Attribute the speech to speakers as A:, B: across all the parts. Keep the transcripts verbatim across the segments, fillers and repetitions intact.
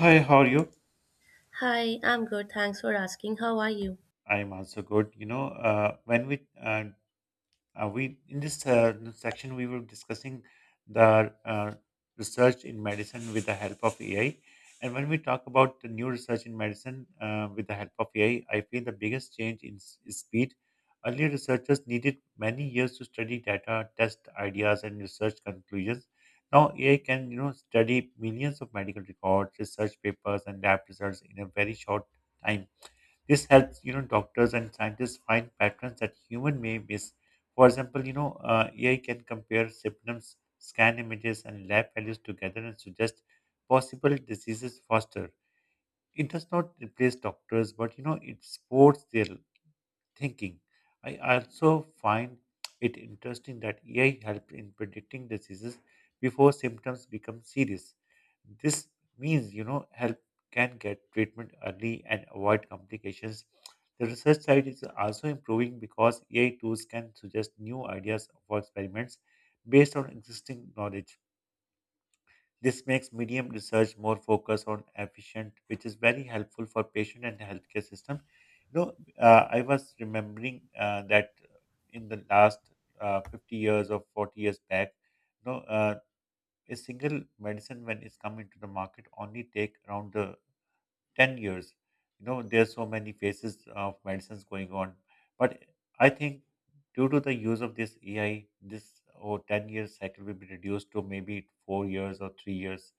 A: Hi, how are you?
B: Hi, I'm good. Thanks for asking. How are you?
A: I'm also good. You know, uh, when we uh, uh, we in this uh, section we were discussing the uh, research in medicine with the help of A I. And when we talk about the new research in medicine uh, with the help of A I, I I feel the biggest change in s- is speed. Earlier, researchers needed many years to study data, test ideas, and research conclusions. Now, A I can, you know, study millions of medical records, research papers, and lab results in a very short time. This helps, you know, doctors and scientists find patterns that human may miss. For example, you know, uh, A I can compare symptoms, scan images, and lab values together and suggest possible diseases faster. It does not replace doctors, but, you know, it supports their thinking. I also find it interesting that A I helped in predicting diseases before symptoms become serious. This means, you know, help can get treatment early and avoid complications. The research side is also improving because A I tools can suggest new ideas for experiments based on existing knowledge. This makes medium research more focused on efficient, which is very helpful for patient and healthcare system. You know, uh, I was remembering uh, that in the last uh, fifty years or forty years back, you know, uh, a single medicine when it's come into the market only take around the ten years. You know, there's so many phases of medicines going on, but I think due to the use of this A I, this or ten year cycle will be reduced to maybe four years or three years.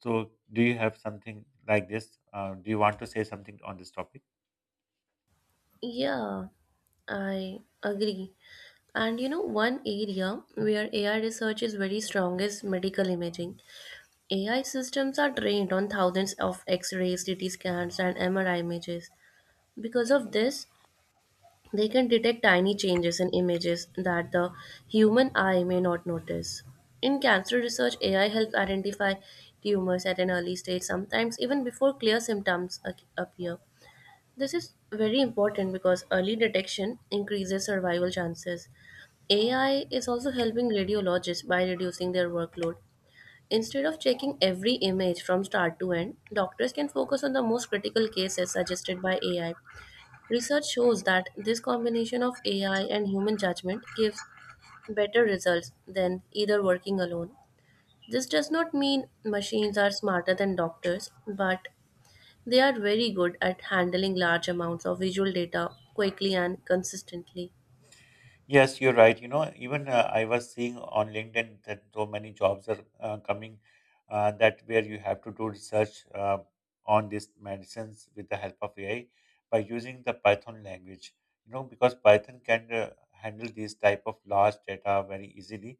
A: So, do you have something like this? Uh, do you want to say something on this topic?
B: Yeah, I agree. And you know, one area where A I research is very strong is medical imaging. A I systems are trained on thousands of X rays, C T scans, and M R I images. Because of this, they can detect tiny changes in images that the human eye may not notice. In cancer research, A I helps identify tumors at an early stage, sometimes even before clear symptoms ac- appear. This is very important because early detection increases survival chances. A I is also helping radiologists by reducing their workload. Instead of checking every image from start to end, doctors can focus on the most critical cases suggested by A I. Research shows that this combination of A I and human judgment gives better results than either working alone. This does not mean machines are smarter than doctors, but they are very good at handling large amounts of visual data quickly and consistently.
A: Yes, you're right. You know, even uh, I was seeing on LinkedIn that so many jobs are uh, coming uh, that where you have to do research uh, on these medicines with the help of A I by using the Python language. You know, because Python can uh, handle these type of large data very easily.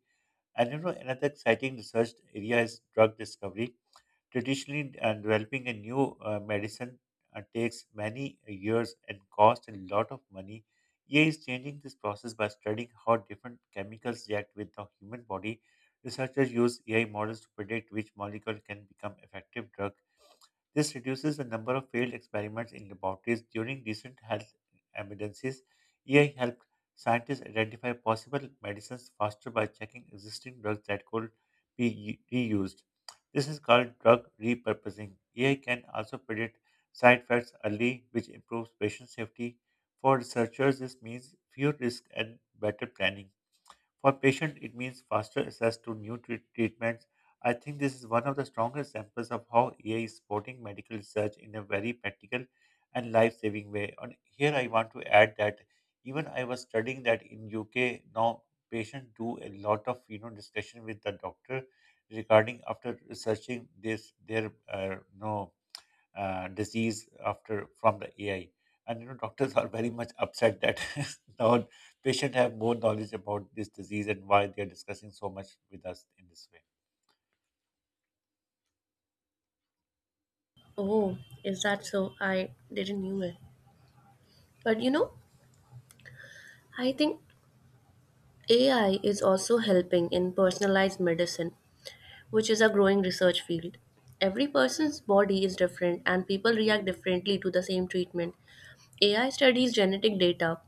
A: And, you know, another exciting research area is drug discovery. Traditionally, uh, developing a new uh, medicine uh, takes many years and costs a lot of money. E A is changing this process by studying how different chemicals react with the human body. Researchers use A I models to predict which molecule can become effective drug. This reduces the number of failed experiments in laboratories during recent health emergencies. A I helped scientists identify possible medicines faster by checking existing drugs that could be u- reused. This is called drug repurposing. A I can also predict side effects early, which improves patient safety. For researchers, this means fewer risks and better planning. For patient, it means faster access to new treat- treatments. I think this is one of the strongest examples of how A I is supporting medical research in a very practical and life-saving way. And here I want to add that even I was studying that in U K now patients do a lot of, you know, discussion with the doctor regarding after researching this their uh, no uh, disease after from the A I. And, you know, doctors are very much upset that now patients have more knowledge about this disease and why they are discussing so much with us in this way.
B: Oh, is that so? I didn't knew it. But you know, I think A I is also helping in personalized medicine, which is a growing research field. Every person's body is different and people react differently to the same treatment. A I studies genetic data,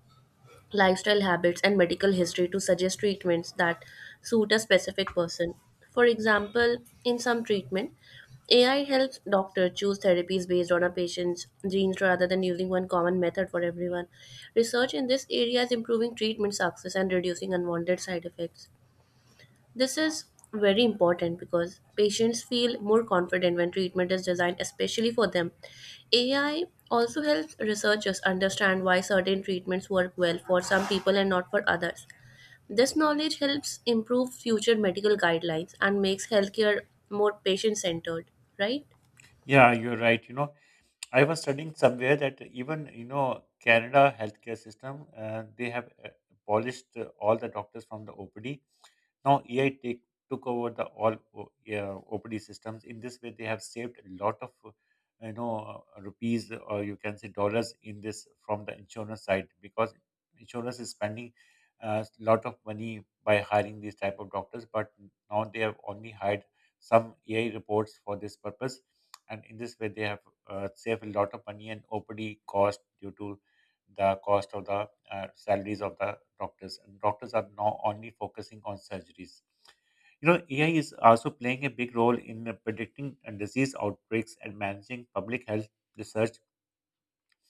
B: lifestyle habits, and medical history to suggest treatments that suit a specific person. For example, in some treatment, A I helps doctors choose therapies based on a patient's genes rather than using one common method for everyone. Research in this area is improving treatment success and reducing unwanted side effects. This is very important because patients feel more confident when treatment is designed especially for them. A I also helps researchers understand why certain treatments work well for some people and not for others. This knowledge helps improve future medical guidelines and makes healthcare more patient centered, right?
A: Yeah, you're right. You know, I was studying somewhere that even, you know, Canada healthcare system, uh, they have uh, abolished uh, all the doctors from the O P D. Now A I take, took over the all O- yeah, O P D systems. In this way, they have saved a lot of uh, you know uh, rupees, or you can say dollars, in this from the insurance side because insurance is spending a lot of money by hiring these type of doctors, but now they have only hired some A I reports for this purpose, and in this way they have uh, saved a lot of money and O P D cost due to the cost of the uh, salaries of the doctors. And doctors are now only focusing on surgeries. You know, A I is also playing a big role in uh, predicting uh, disease outbreaks and managing public health research.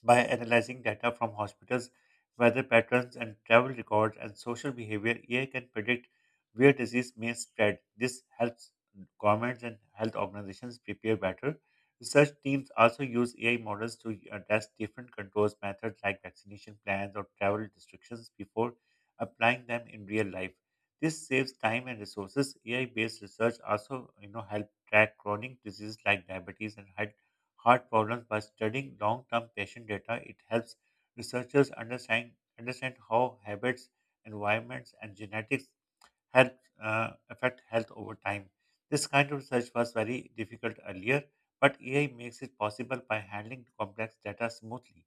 A: By analyzing data from hospitals, weather patterns, and travel records and social behavior, A I can predict where disease may spread. This helps governments and health organizations prepare better. Research teams also use A I models to uh, test different controls methods like vaccination plans or travel restrictions before applying them in real life. This saves time and resources. A I-based research also, you know, help track chronic diseases like diabetes and high heart problems by studying long-term patient data. It helps researchers understand understand how habits, environments, and genetics help uh, affect health over time. This kind of research was very difficult earlier, but A I makes it possible by handling complex data smoothly.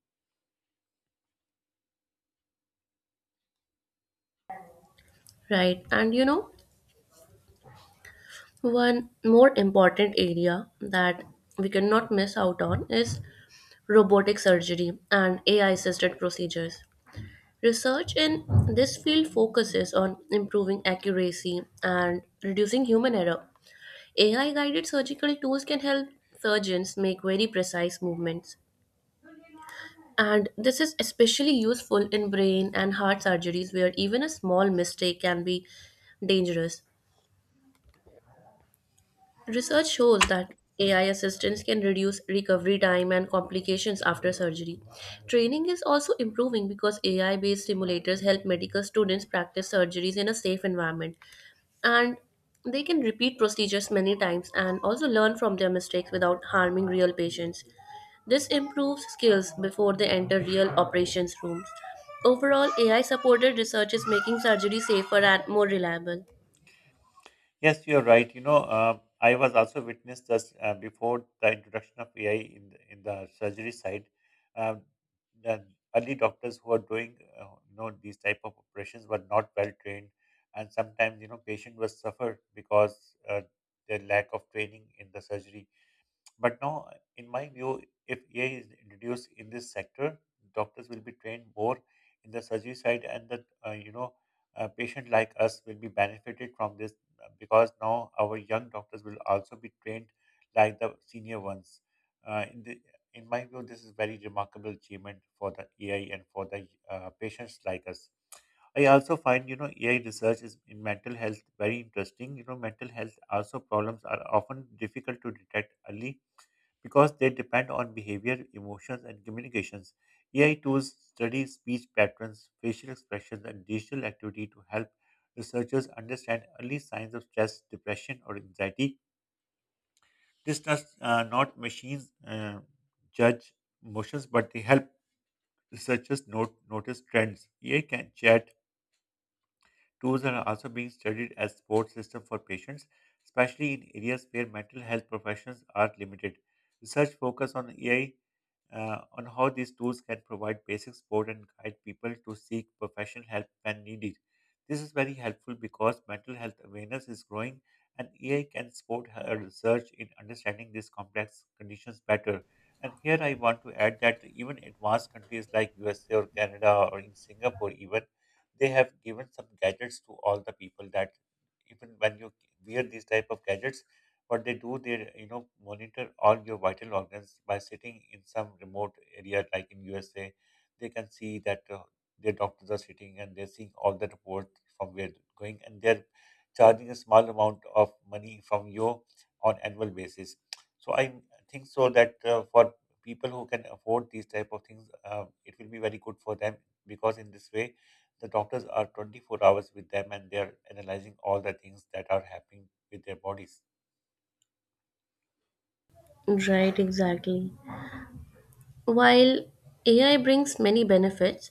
B: Right. And you know, one more important area that we cannot miss out on is robotic surgery and A I assisted procedures. Research in this field focuses on improving accuracy and reducing human error. A I guided surgical tools can help surgeons make very precise movements. And this is especially useful in brain and heart surgeries where even a small mistake can be dangerous. Research shows that A I assistance can reduce recovery time and complications after surgery. Training is also improving because A I based simulators help medical students practice surgeries in a safe environment. And they can repeat procedures many times and also learn from their mistakes without harming real patients. This improves skills before they enter real operations rooms. Overall, A I supported research is making surgery safer and more reliable.
A: Yes, you're right. You know, uh, I was also witnessed this uh, before the introduction of A I in the, in the surgery side. Um, the early doctors who are doing uh, you know these type of operations were not well trained, and sometimes, you know, patient was suffer because uh, their lack of training in the surgery. But now, in my view, if A I is introduced in this sector, doctors will be trained more in the surgery side, and that, uh, you know, a patient like us will be benefited from this uh, because now our young doctors will also be trained like the senior ones. Uh, in the in my view, this is very remarkable achievement for the A I and for the uh, patients like us. I also find, you know, A I research is in mental health very interesting. You know, mental health also problems are often difficult to detect early because they depend on behavior, emotions, and communications. A I tools study speech patterns, facial expressions, and digital activity to help researchers understand early signs of stress, depression, or anxiety. This does uh, not machines uh, judge emotions, but they help researchers note, notice trends. A I can chat tools are also being studied as support system for patients, especially in areas where mental health professionals are limited. Research focus on A I uh, on how these tools can provide basic support and guide people to seek professional help when needed. This is very helpful because mental health awareness is growing and A I can support her research in understanding these complex conditions better. And here I want to add that even advanced countries like U S A or Canada or in Singapore even, they have given some gadgets to all the people that even when you wear these type of gadgets, what they do, they, you know, monitor all your vital organs by sitting in some remote area like in USA. They can see that uh, their doctors are sitting and they're seeing all the reports from where they're going, and they're charging a small amount of money from you on annual basis. So I think so that uh, for people who can afford these type of things, uh, it will be very good for them because in this way the doctors are twenty-four hours with them and they are analyzing all the things that are happening with their bodies.
B: Right, exactly. While A I brings many benefits,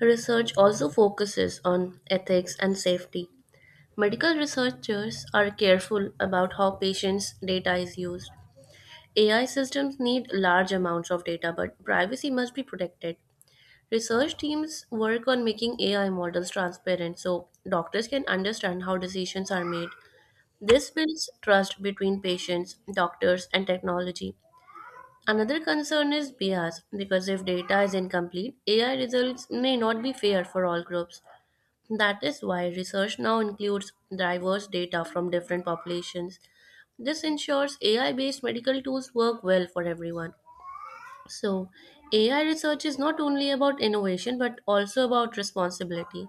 B: research also focuses on ethics and safety. Medical researchers are careful about how patients' data is used. A I systems need large amounts of data, but privacy must be protected. Research teams work on making A I models transparent so doctors can understand how decisions are made. This builds trust between patients, doctors, and technology. Another concern is bias because if data is incomplete, A I results may not be fair for all groups. That is why research now includes diverse data from different populations. This ensures A I based medical tools work well for everyone. So, A I research is not only about innovation but also about responsibility.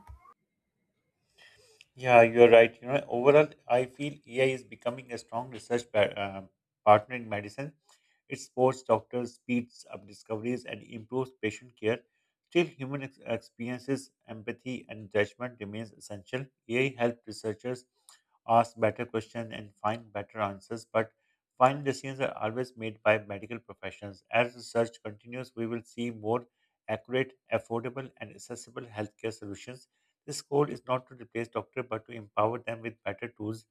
A: Yeah, you're right. You know, overall, I feel A I is becoming a strong research pa- uh, partner in medicine. It supports doctors, speeds up discoveries, and improves patient care. Still, human ex- experiences, empathy, and judgment remains essential. A I helps researchers ask better questions and find better answers, but final decisions are always made by medical professionals. As research continues, we will see more accurate, affordable, and accessible healthcare solutions. This goal is not to replace doctors but to empower them with better tools.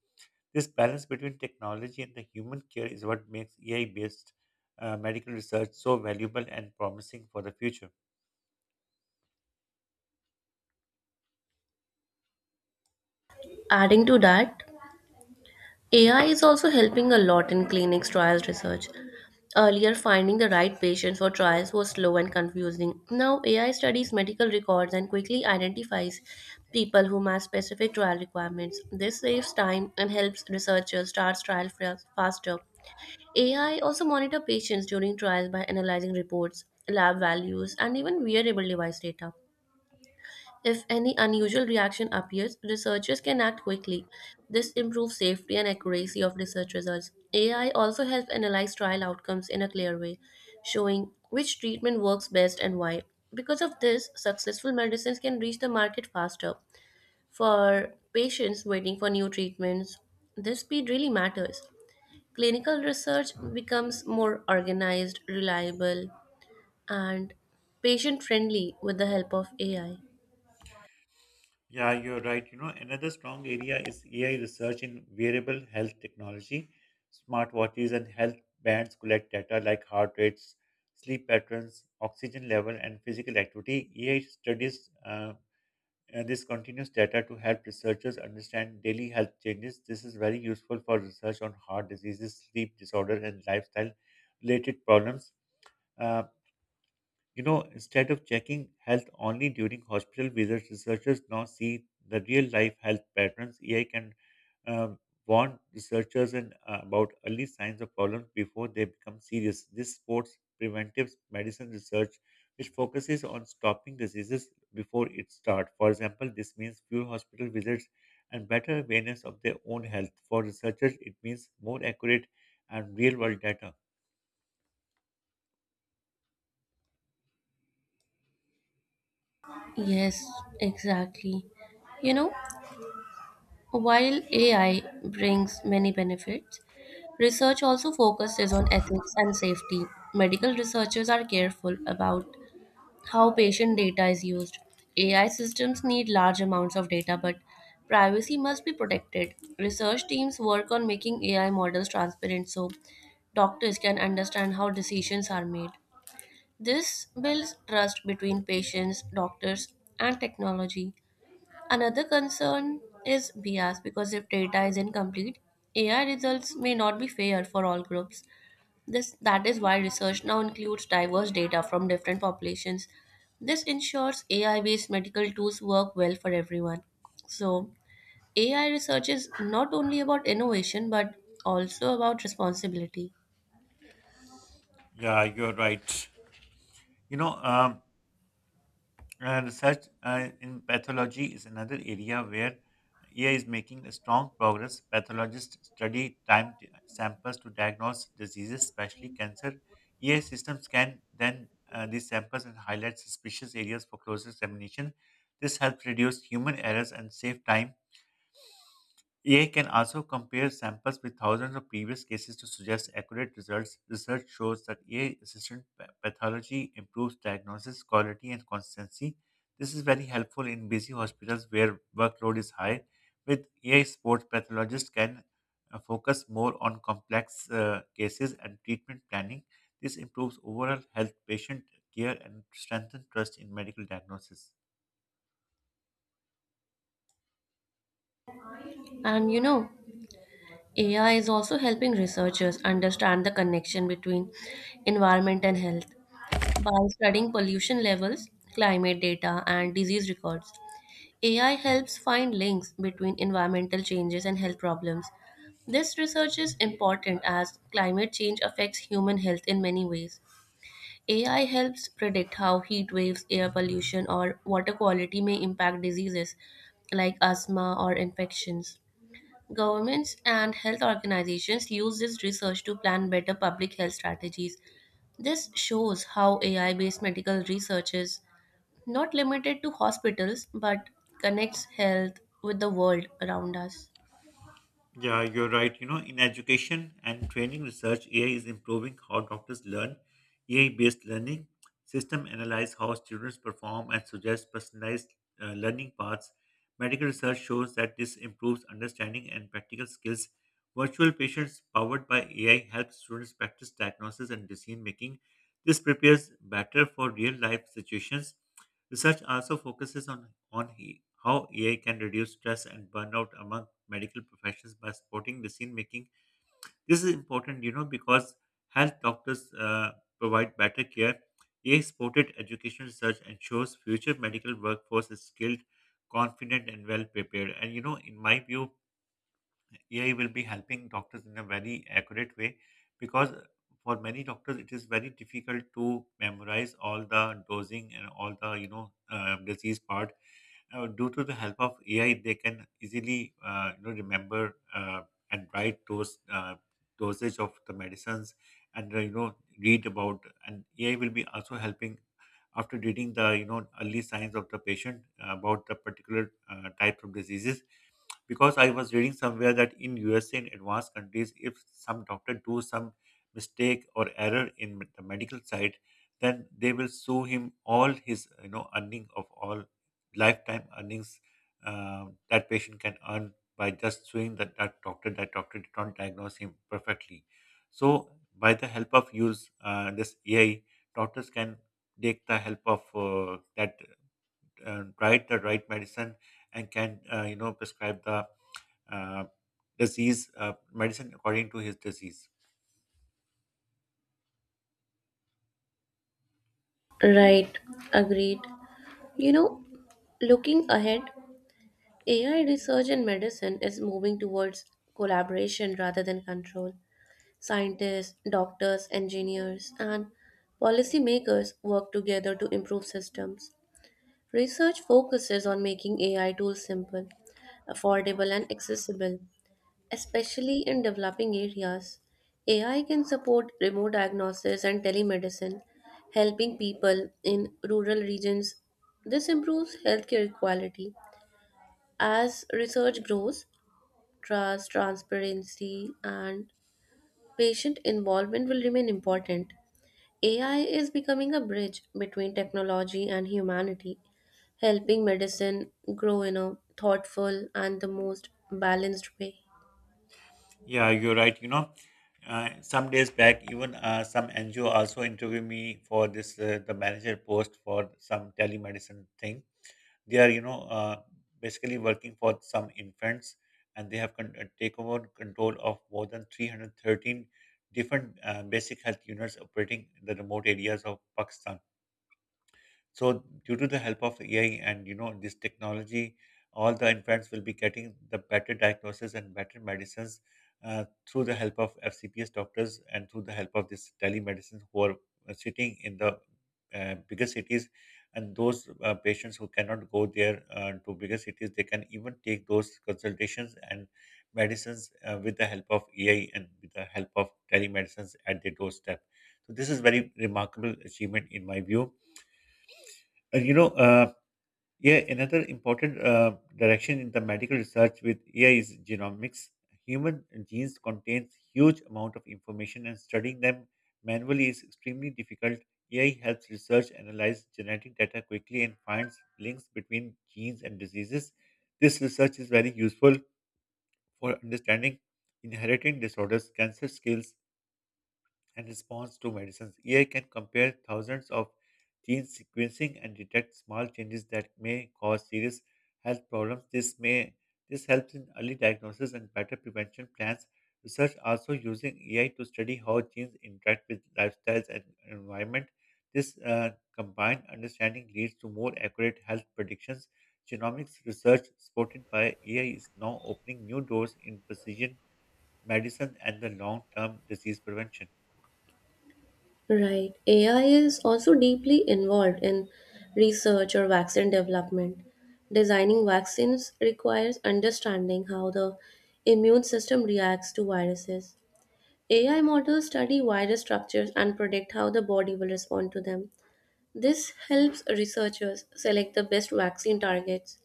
A: This balance between technology and the human care is what makes A I based uh, medical research so valuable and promising for the future.
B: Adding to that, A I is also helping a lot in clinics trials research. Earlier, finding the right patient for trials was slow and confusing. Now, A I studies medical records and quickly identifies people who match specific trial requirements. This saves time and helps researchers start trials faster. A I also monitor patients during trials by analyzing reports, lab values, and even wearable device data. If any unusual reaction appears, researchers can act quickly. This improves safety and accuracy of research results. A I also helps analyze trial outcomes in a clear way, showing which treatment works best and why. Because of this, successful medicines can reach the market faster. For patients waiting for new treatments, this speed really matters. Clinical research becomes more organized, reliable, and patient friendly with the help of A I.
A: Yeah, you're right. You know, another strong area is A I research in wearable health technology. Smartwatches and health bands collect data like heart rates, sleep patterns, oxygen level, and physical activity. A I studies uh, uh, this continuous data to help researchers understand daily health changes. This is very useful for research on heart diseases, sleep disorder, and lifestyle related problems. Uh, you know, instead of checking health only during hospital visits, researchers now see the real life health patterns. A I can, um, warn researchers and uh, about early signs of problems before they become serious. This supports preventive medicine research, which focuses on stopping diseases before it starts. For example, this means fewer hospital visits and better awareness of their own health. For researchers, it means more accurate and real-world data.
B: Yes, exactly. You know, while A I brings many benefits, research also focuses on ethics and safety. Medical researchers are careful about how patient data is used. A I systems need large amounts of data, but privacy must be protected. Research teams work on making A I models transparent so doctors can understand how decisions are made. This builds trust between patients, doctors, and technology. Another concern is bias because if data is incomplete, A I results may not be fair for all groups. This that is why research now includes diverse data from different populations. This ensures A I-based medical tools work well for everyone. So, A I research is not only about innovation but also about responsibility.
A: Yeah, you're right. You know, um, Uh, research uh, in pathology is another area where A I is making a strong progress. Pathologists study time t- samples to diagnose diseases, especially cancer. A I systems can then uh, these samples and highlight suspicious areas for closer examination. This helps reduce human errors and save time. A I can also compare samples with thousands of previous cases to suggest accurate results. Research shows that A I assisted pa- pathology improves diagnosis quality and consistency. This is very helpful in busy hospitals where workload is high. With A I support, pathologists can uh, focus more on complex uh, cases and treatment planning. This improves overall health patient care and strengthens trust in medical diagnosis.
B: And you know, A I is also helping researchers understand the connection between environment and health. By studying pollution levels, climate data, and disease records, A I helps find links between environmental changes and health problems. This research is important as climate change affects human health in many ways. A I helps predict how heat waves, air pollution, or water quality may impact diseases like asthma or infections. Governments and health organizations use this research to plan better public health strategies. This shows how A I based medical research is not limited to hospitals but connects health with the world around us.
A: Yeah, you're right. You know, in education and training research, A I is improving how doctors learn. A I-based learning system analyze how students perform and suggest personalized uh, learning paths. Medical research shows that this improves understanding and practical skills. Virtual patients powered by A I help students practice diagnosis and decision making. This prepares better for real-life situations. Research also focuses on, on he- how A I can reduce stress and burnout among medical professions by supporting decision making. This is important, you know, because health doctors uh, provide better care. A I supported education research ensures future medical workforce is skilled, confident, and well prepared. And, you know, in my view, A I will be helping doctors in a very accurate way because for many doctors it is very difficult to memorize all the dosing and all the you know uh, disease part uh, due to the help of A I, they can easily uh, you know remember uh, and write those uh, dosage of the medicines, and uh, you know read about. And A I will be also helping after reading the you know early signs of the patient about the particular uh, type of diseases because I was reading somewhere that in U S A and advanced countries, if some doctor do some mistake or error in the medical side, then they will sue him all his you know earning of all lifetime earnings uh, that patient can earn by just suing that, that doctor. That doctor did not diagnose him perfectly. So by the help of use uh, this A I, doctors can take the help of uh, that uh, write the right medicine and can uh, you know prescribe the uh, disease uh, medicine according to his disease.
B: Right, agreed. You know, looking ahead, A I research in medicine is moving towards collaboration rather than control. Scientists, doctors, engineers, and policymakers work together to improve systems. Research focuses on making A I tools simple, affordable, and accessible, especially in developing areas. A I can support remote diagnosis and telemedicine, helping people in rural regions. This improves healthcare quality. As research grows, trust, transparency, and patient involvement will remain important. A I is becoming a bridge between technology and humanity, helping medicine grow in a thoughtful and the most balanced way.
A: Yeah, you're right. You know, uh, some days back, even uh, some N G O also interviewed me for this uh, the manager post for some telemedicine thing. They are you know uh, basically working for some infants, and they have con- uh, take over control of more than three hundred thirteen different uh, basic health units operating in the remote areas of Pakistan. So due to the help of A I and you know this technology, all the infants will be getting the better diagnosis and better medicines uh, through the help of F C P S doctors and through the help of this telemedicine who are uh, sitting in the uh, bigger cities. And those uh, patients who cannot go there uh, to bigger cities, they can even take those consultations and medicines uh, with the help of A I and with the help of telemedicines at their doorstep. So this is very remarkable achievement in my view and you know, uh, yeah, another important uh, direction in the medical research with A I is genomics. Human genes contains huge amount of information, and studying them manually is extremely difficult. A I helps research analyze genetic data quickly and finds links between genes and diseases. This research is very useful for understanding inheriting disorders, cancer, skills, and response to medicines. A I can compare thousands of gene sequencing and detect small changes that may cause serious health problems. This may this helps in early diagnosis and better prevention plans. Research also using A I to study how genes interact with lifestyles and environment. This uh, combined understanding leads to more accurate health predictions. Genomics research supported by A I is now opening new doors in precision medicine and the long-term disease prevention.
B: Right. A I is also deeply involved in research or vaccine development. Designing vaccines requires understanding how the immune system reacts to viruses. A I models study virus structures and predict how the body will respond to them. This helps researchers select the best vaccine targets.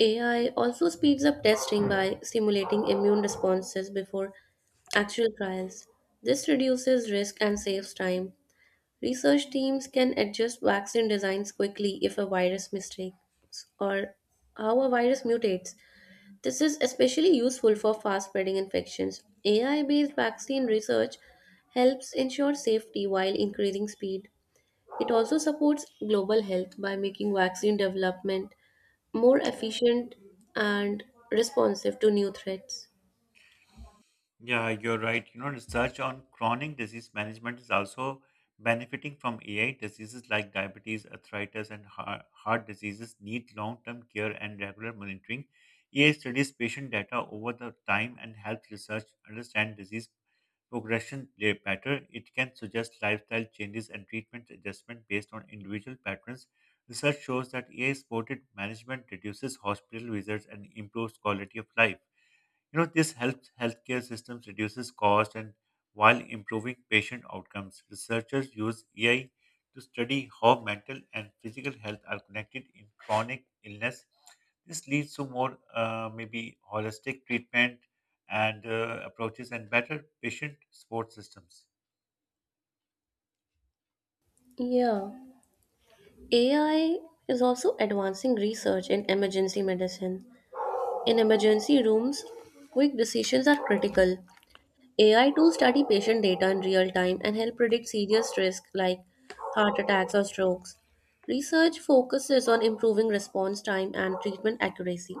B: A I also speeds up testing by simulating immune responses before actual trials. This reduces risk and saves time. Research teams can adjust vaccine designs quickly if a virus mistakes or how a virus mutates. This is especially useful for fast spreading infections. A I based vaccine research helps ensure safety while increasing speed. It also supports global health by making vaccine development more efficient and responsive to new threats.
A: Yeah, you're right. You know, research on chronic disease management is also benefiting from A I. Diseases like diabetes, arthritis, and heart, heart diseases need long-term care and regular monitoring. A I studies patient data over the time and health research understand disease progression uh, better. It can suggest lifestyle changes and treatment adjustment based on individual patterns. Research shows that A I-supported management reduces hospital visits and improves quality of life. You know, this helps healthcare systems reduces cost and while improving patient outcomes. Researchers use A I to study how mental and physical health are connected in chronic illness. This leads to more uh, maybe holistic treatment and uh, approaches and better patient support systems.
B: Yeah, A I is also advancing research in emergency medicine. In emergency rooms, quick decisions are critical. A I tools study patient data in real time and help predict serious risks like heart attacks or strokes. Research focuses on improving response time and treatment accuracy.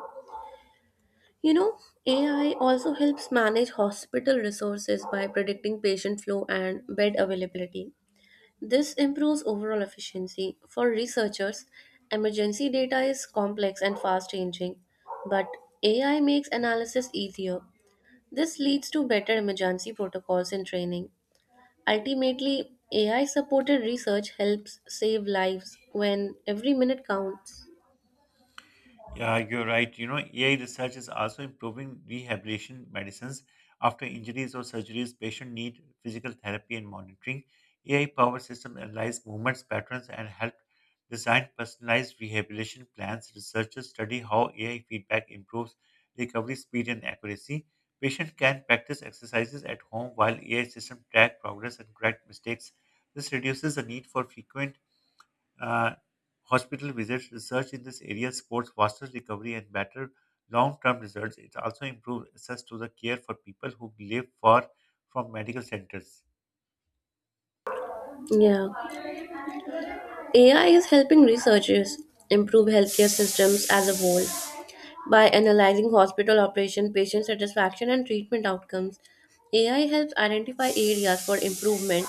B: You know, A I also helps manage hospital resources by predicting patient flow and bed availability. This improves overall efficiency. For researchers, emergency data is complex and fast changing, but A I makes analysis easier. This leads to better emergency protocols and training. Ultimately, A I supported research helps save lives when every minute counts.
A: Yeah, you're right. You know, A I research is also improving rehabilitation medicines. After injuries or surgeries, patients need physical therapy and monitoring. A I powered system analyze movements, patterns, and help design personalized rehabilitation plans. Researchers study how A I feedback improves recovery speed and accuracy. Patient can practice exercises at home while A I system track progress and correct mistakes. This reduces the need for frequent uh, hospital visits, research in this area supports faster recovery and better long-term results. It also improves access to the care for people who live far from medical centers.
B: Yeah. A I is helping researchers improve healthcare systems as a whole by analyzing hospital operation, patient satisfaction, and treatment outcomes. A I helps identify areas for improvement.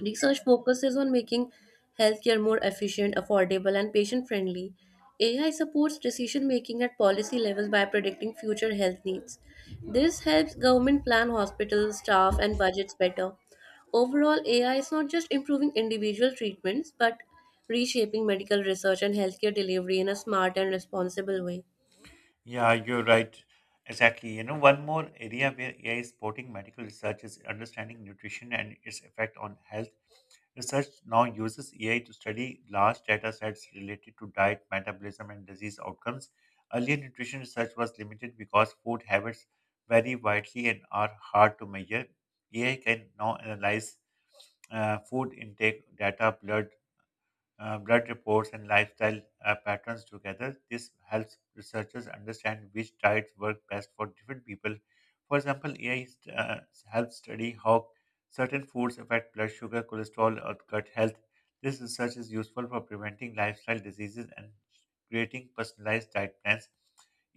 B: Research focuses on making healthcare more efficient, affordable, and patient friendly. A I supports decision making at policy levels by predicting future health needs. This helps government plan hospitals, staff, and budgets better. Overall, A I is not just improving individual treatments but reshaping medical research and healthcare delivery in a smart and responsible way.
A: Yeah, you're right. Exactly. You know, one more area where A I is supporting medical research is understanding nutrition and its effect on health. Research now uses A I to study large data sets related to diet, metabolism, and disease outcomes. Earlier nutrition research was limited because food habits vary widely and are hard to measure. A I can now analyze uh, food intake data, blood uh, blood reports and lifestyle uh, patterns together. This helps researchers understand which diets work best for different people. For example, A I st- uh, helps study how certain foods affect blood sugar, cholesterol, or gut health. This research is useful for preventing lifestyle diseases and creating personalized diet plans.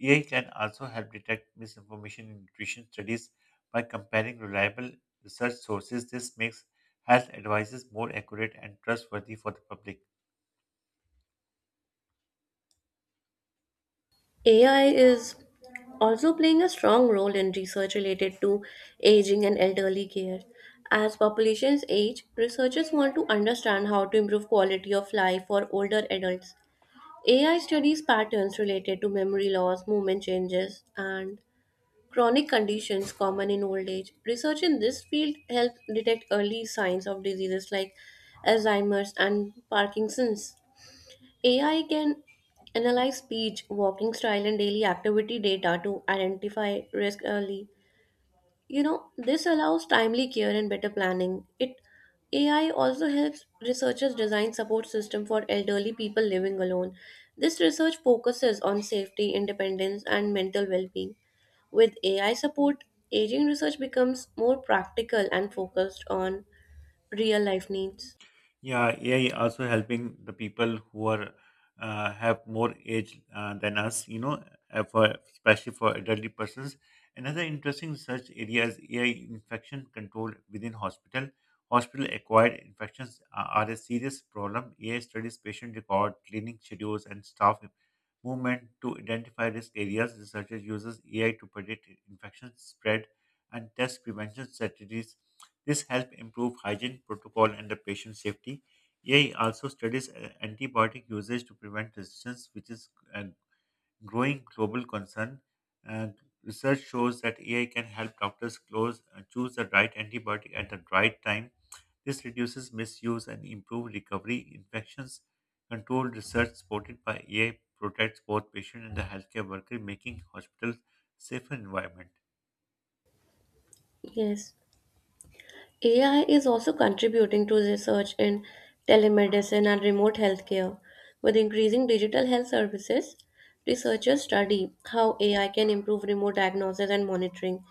A: A I can also help detect misinformation in nutrition studies by comparing reliable research sources. This makes health advices more accurate and trustworthy for the public.
B: A I is also playing a strong role in research related to aging and elderly care. As populations age, researchers want to understand how to improve quality of life for older adults. A I studies patterns related to memory loss, movement changes, and chronic conditions common in old age. Research in this field helps detect early signs of diseases like Alzheimer's and Parkinson's. A I can analyze speech, walking style, and daily activity data to identify risk early. You know, this allows timely care and better planning. It A I also helps researchers design support system for elderly people living alone. This research focuses on safety, independence, and mental well-being. With A I support, aging research becomes more practical and focused on real life needs.
A: Yeah, A I also helping the people who are uh, have more age uh, than us, you know, uh, for especially for elderly persons. Another interesting research area is A I infection control within hospital. Hospital-acquired infections are, are a serious problem. A I studies patient record, cleaning schedules, and staff movement to identify risk areas. Researchers uses A I to predict infection spread and test prevention strategies. This helps improve hygiene protocol and the patient safety. A I also studies uh, antibiotic usage to prevent resistance, which is a growing global concern. And research shows that A I can help doctors close, uh, choose the right antibiotic at the right time. This reduces misuse and improves recovery. Infections control research supported by A I protects both patient and the healthcare worker, making hospitals safer environment.
B: Yes. A I is also contributing to research in telemedicine and remote healthcare. With increasing digital health services, researchers study how A I can improve remote diagnosis and monitoring.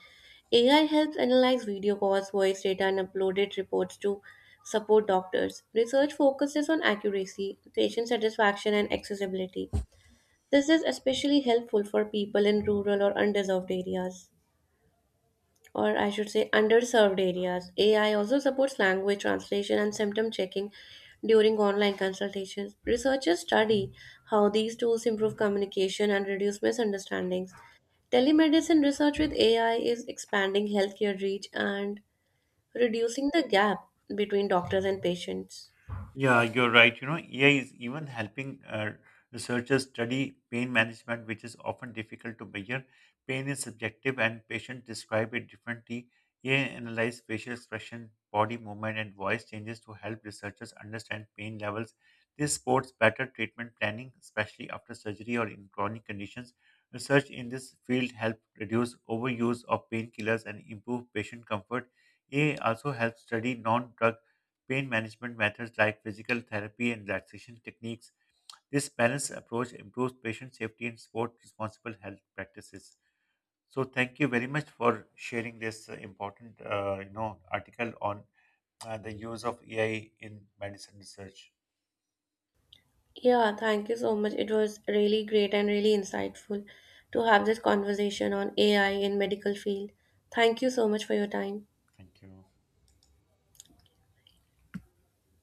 B: A I helps analyze video calls, voice data, and uploaded reports to support doctors. Research focuses on accuracy, patient satisfaction, and accessibility. This is especially helpful for people in rural or undeserved areas, or I should say underserved areas. A I also supports language translation and symptom checking during online consultations. Researchers study how these tools improve communication and reduce misunderstandings. Telemedicine research with A I is expanding healthcare reach and reducing the gap between doctors and patients.
A: Yeah, you're right. You know, A I is even helping uh, researchers study pain management, which is often difficult to measure. Pain is subjective, and patients describe it differently. A I analyzes facial expression, body movement, and voice changes to help researchers understand pain levels. This supports better treatment planning, especially after surgery or in chronic conditions. Research in this field helps reduce overuse of painkillers and improve patient comfort. A I also helps study non-drug pain management methods like physical therapy and relaxation techniques. This balanced approach improves patient safety and supports responsible health practices. So thank you very much for sharing this uh, important, uh, you know, article on uh, the use of A I in medicine research.
B: Yeah, thank you so much. It was really great and really insightful to have this conversation on A I in medical field. Thank you so much for your time.
A: Thank you.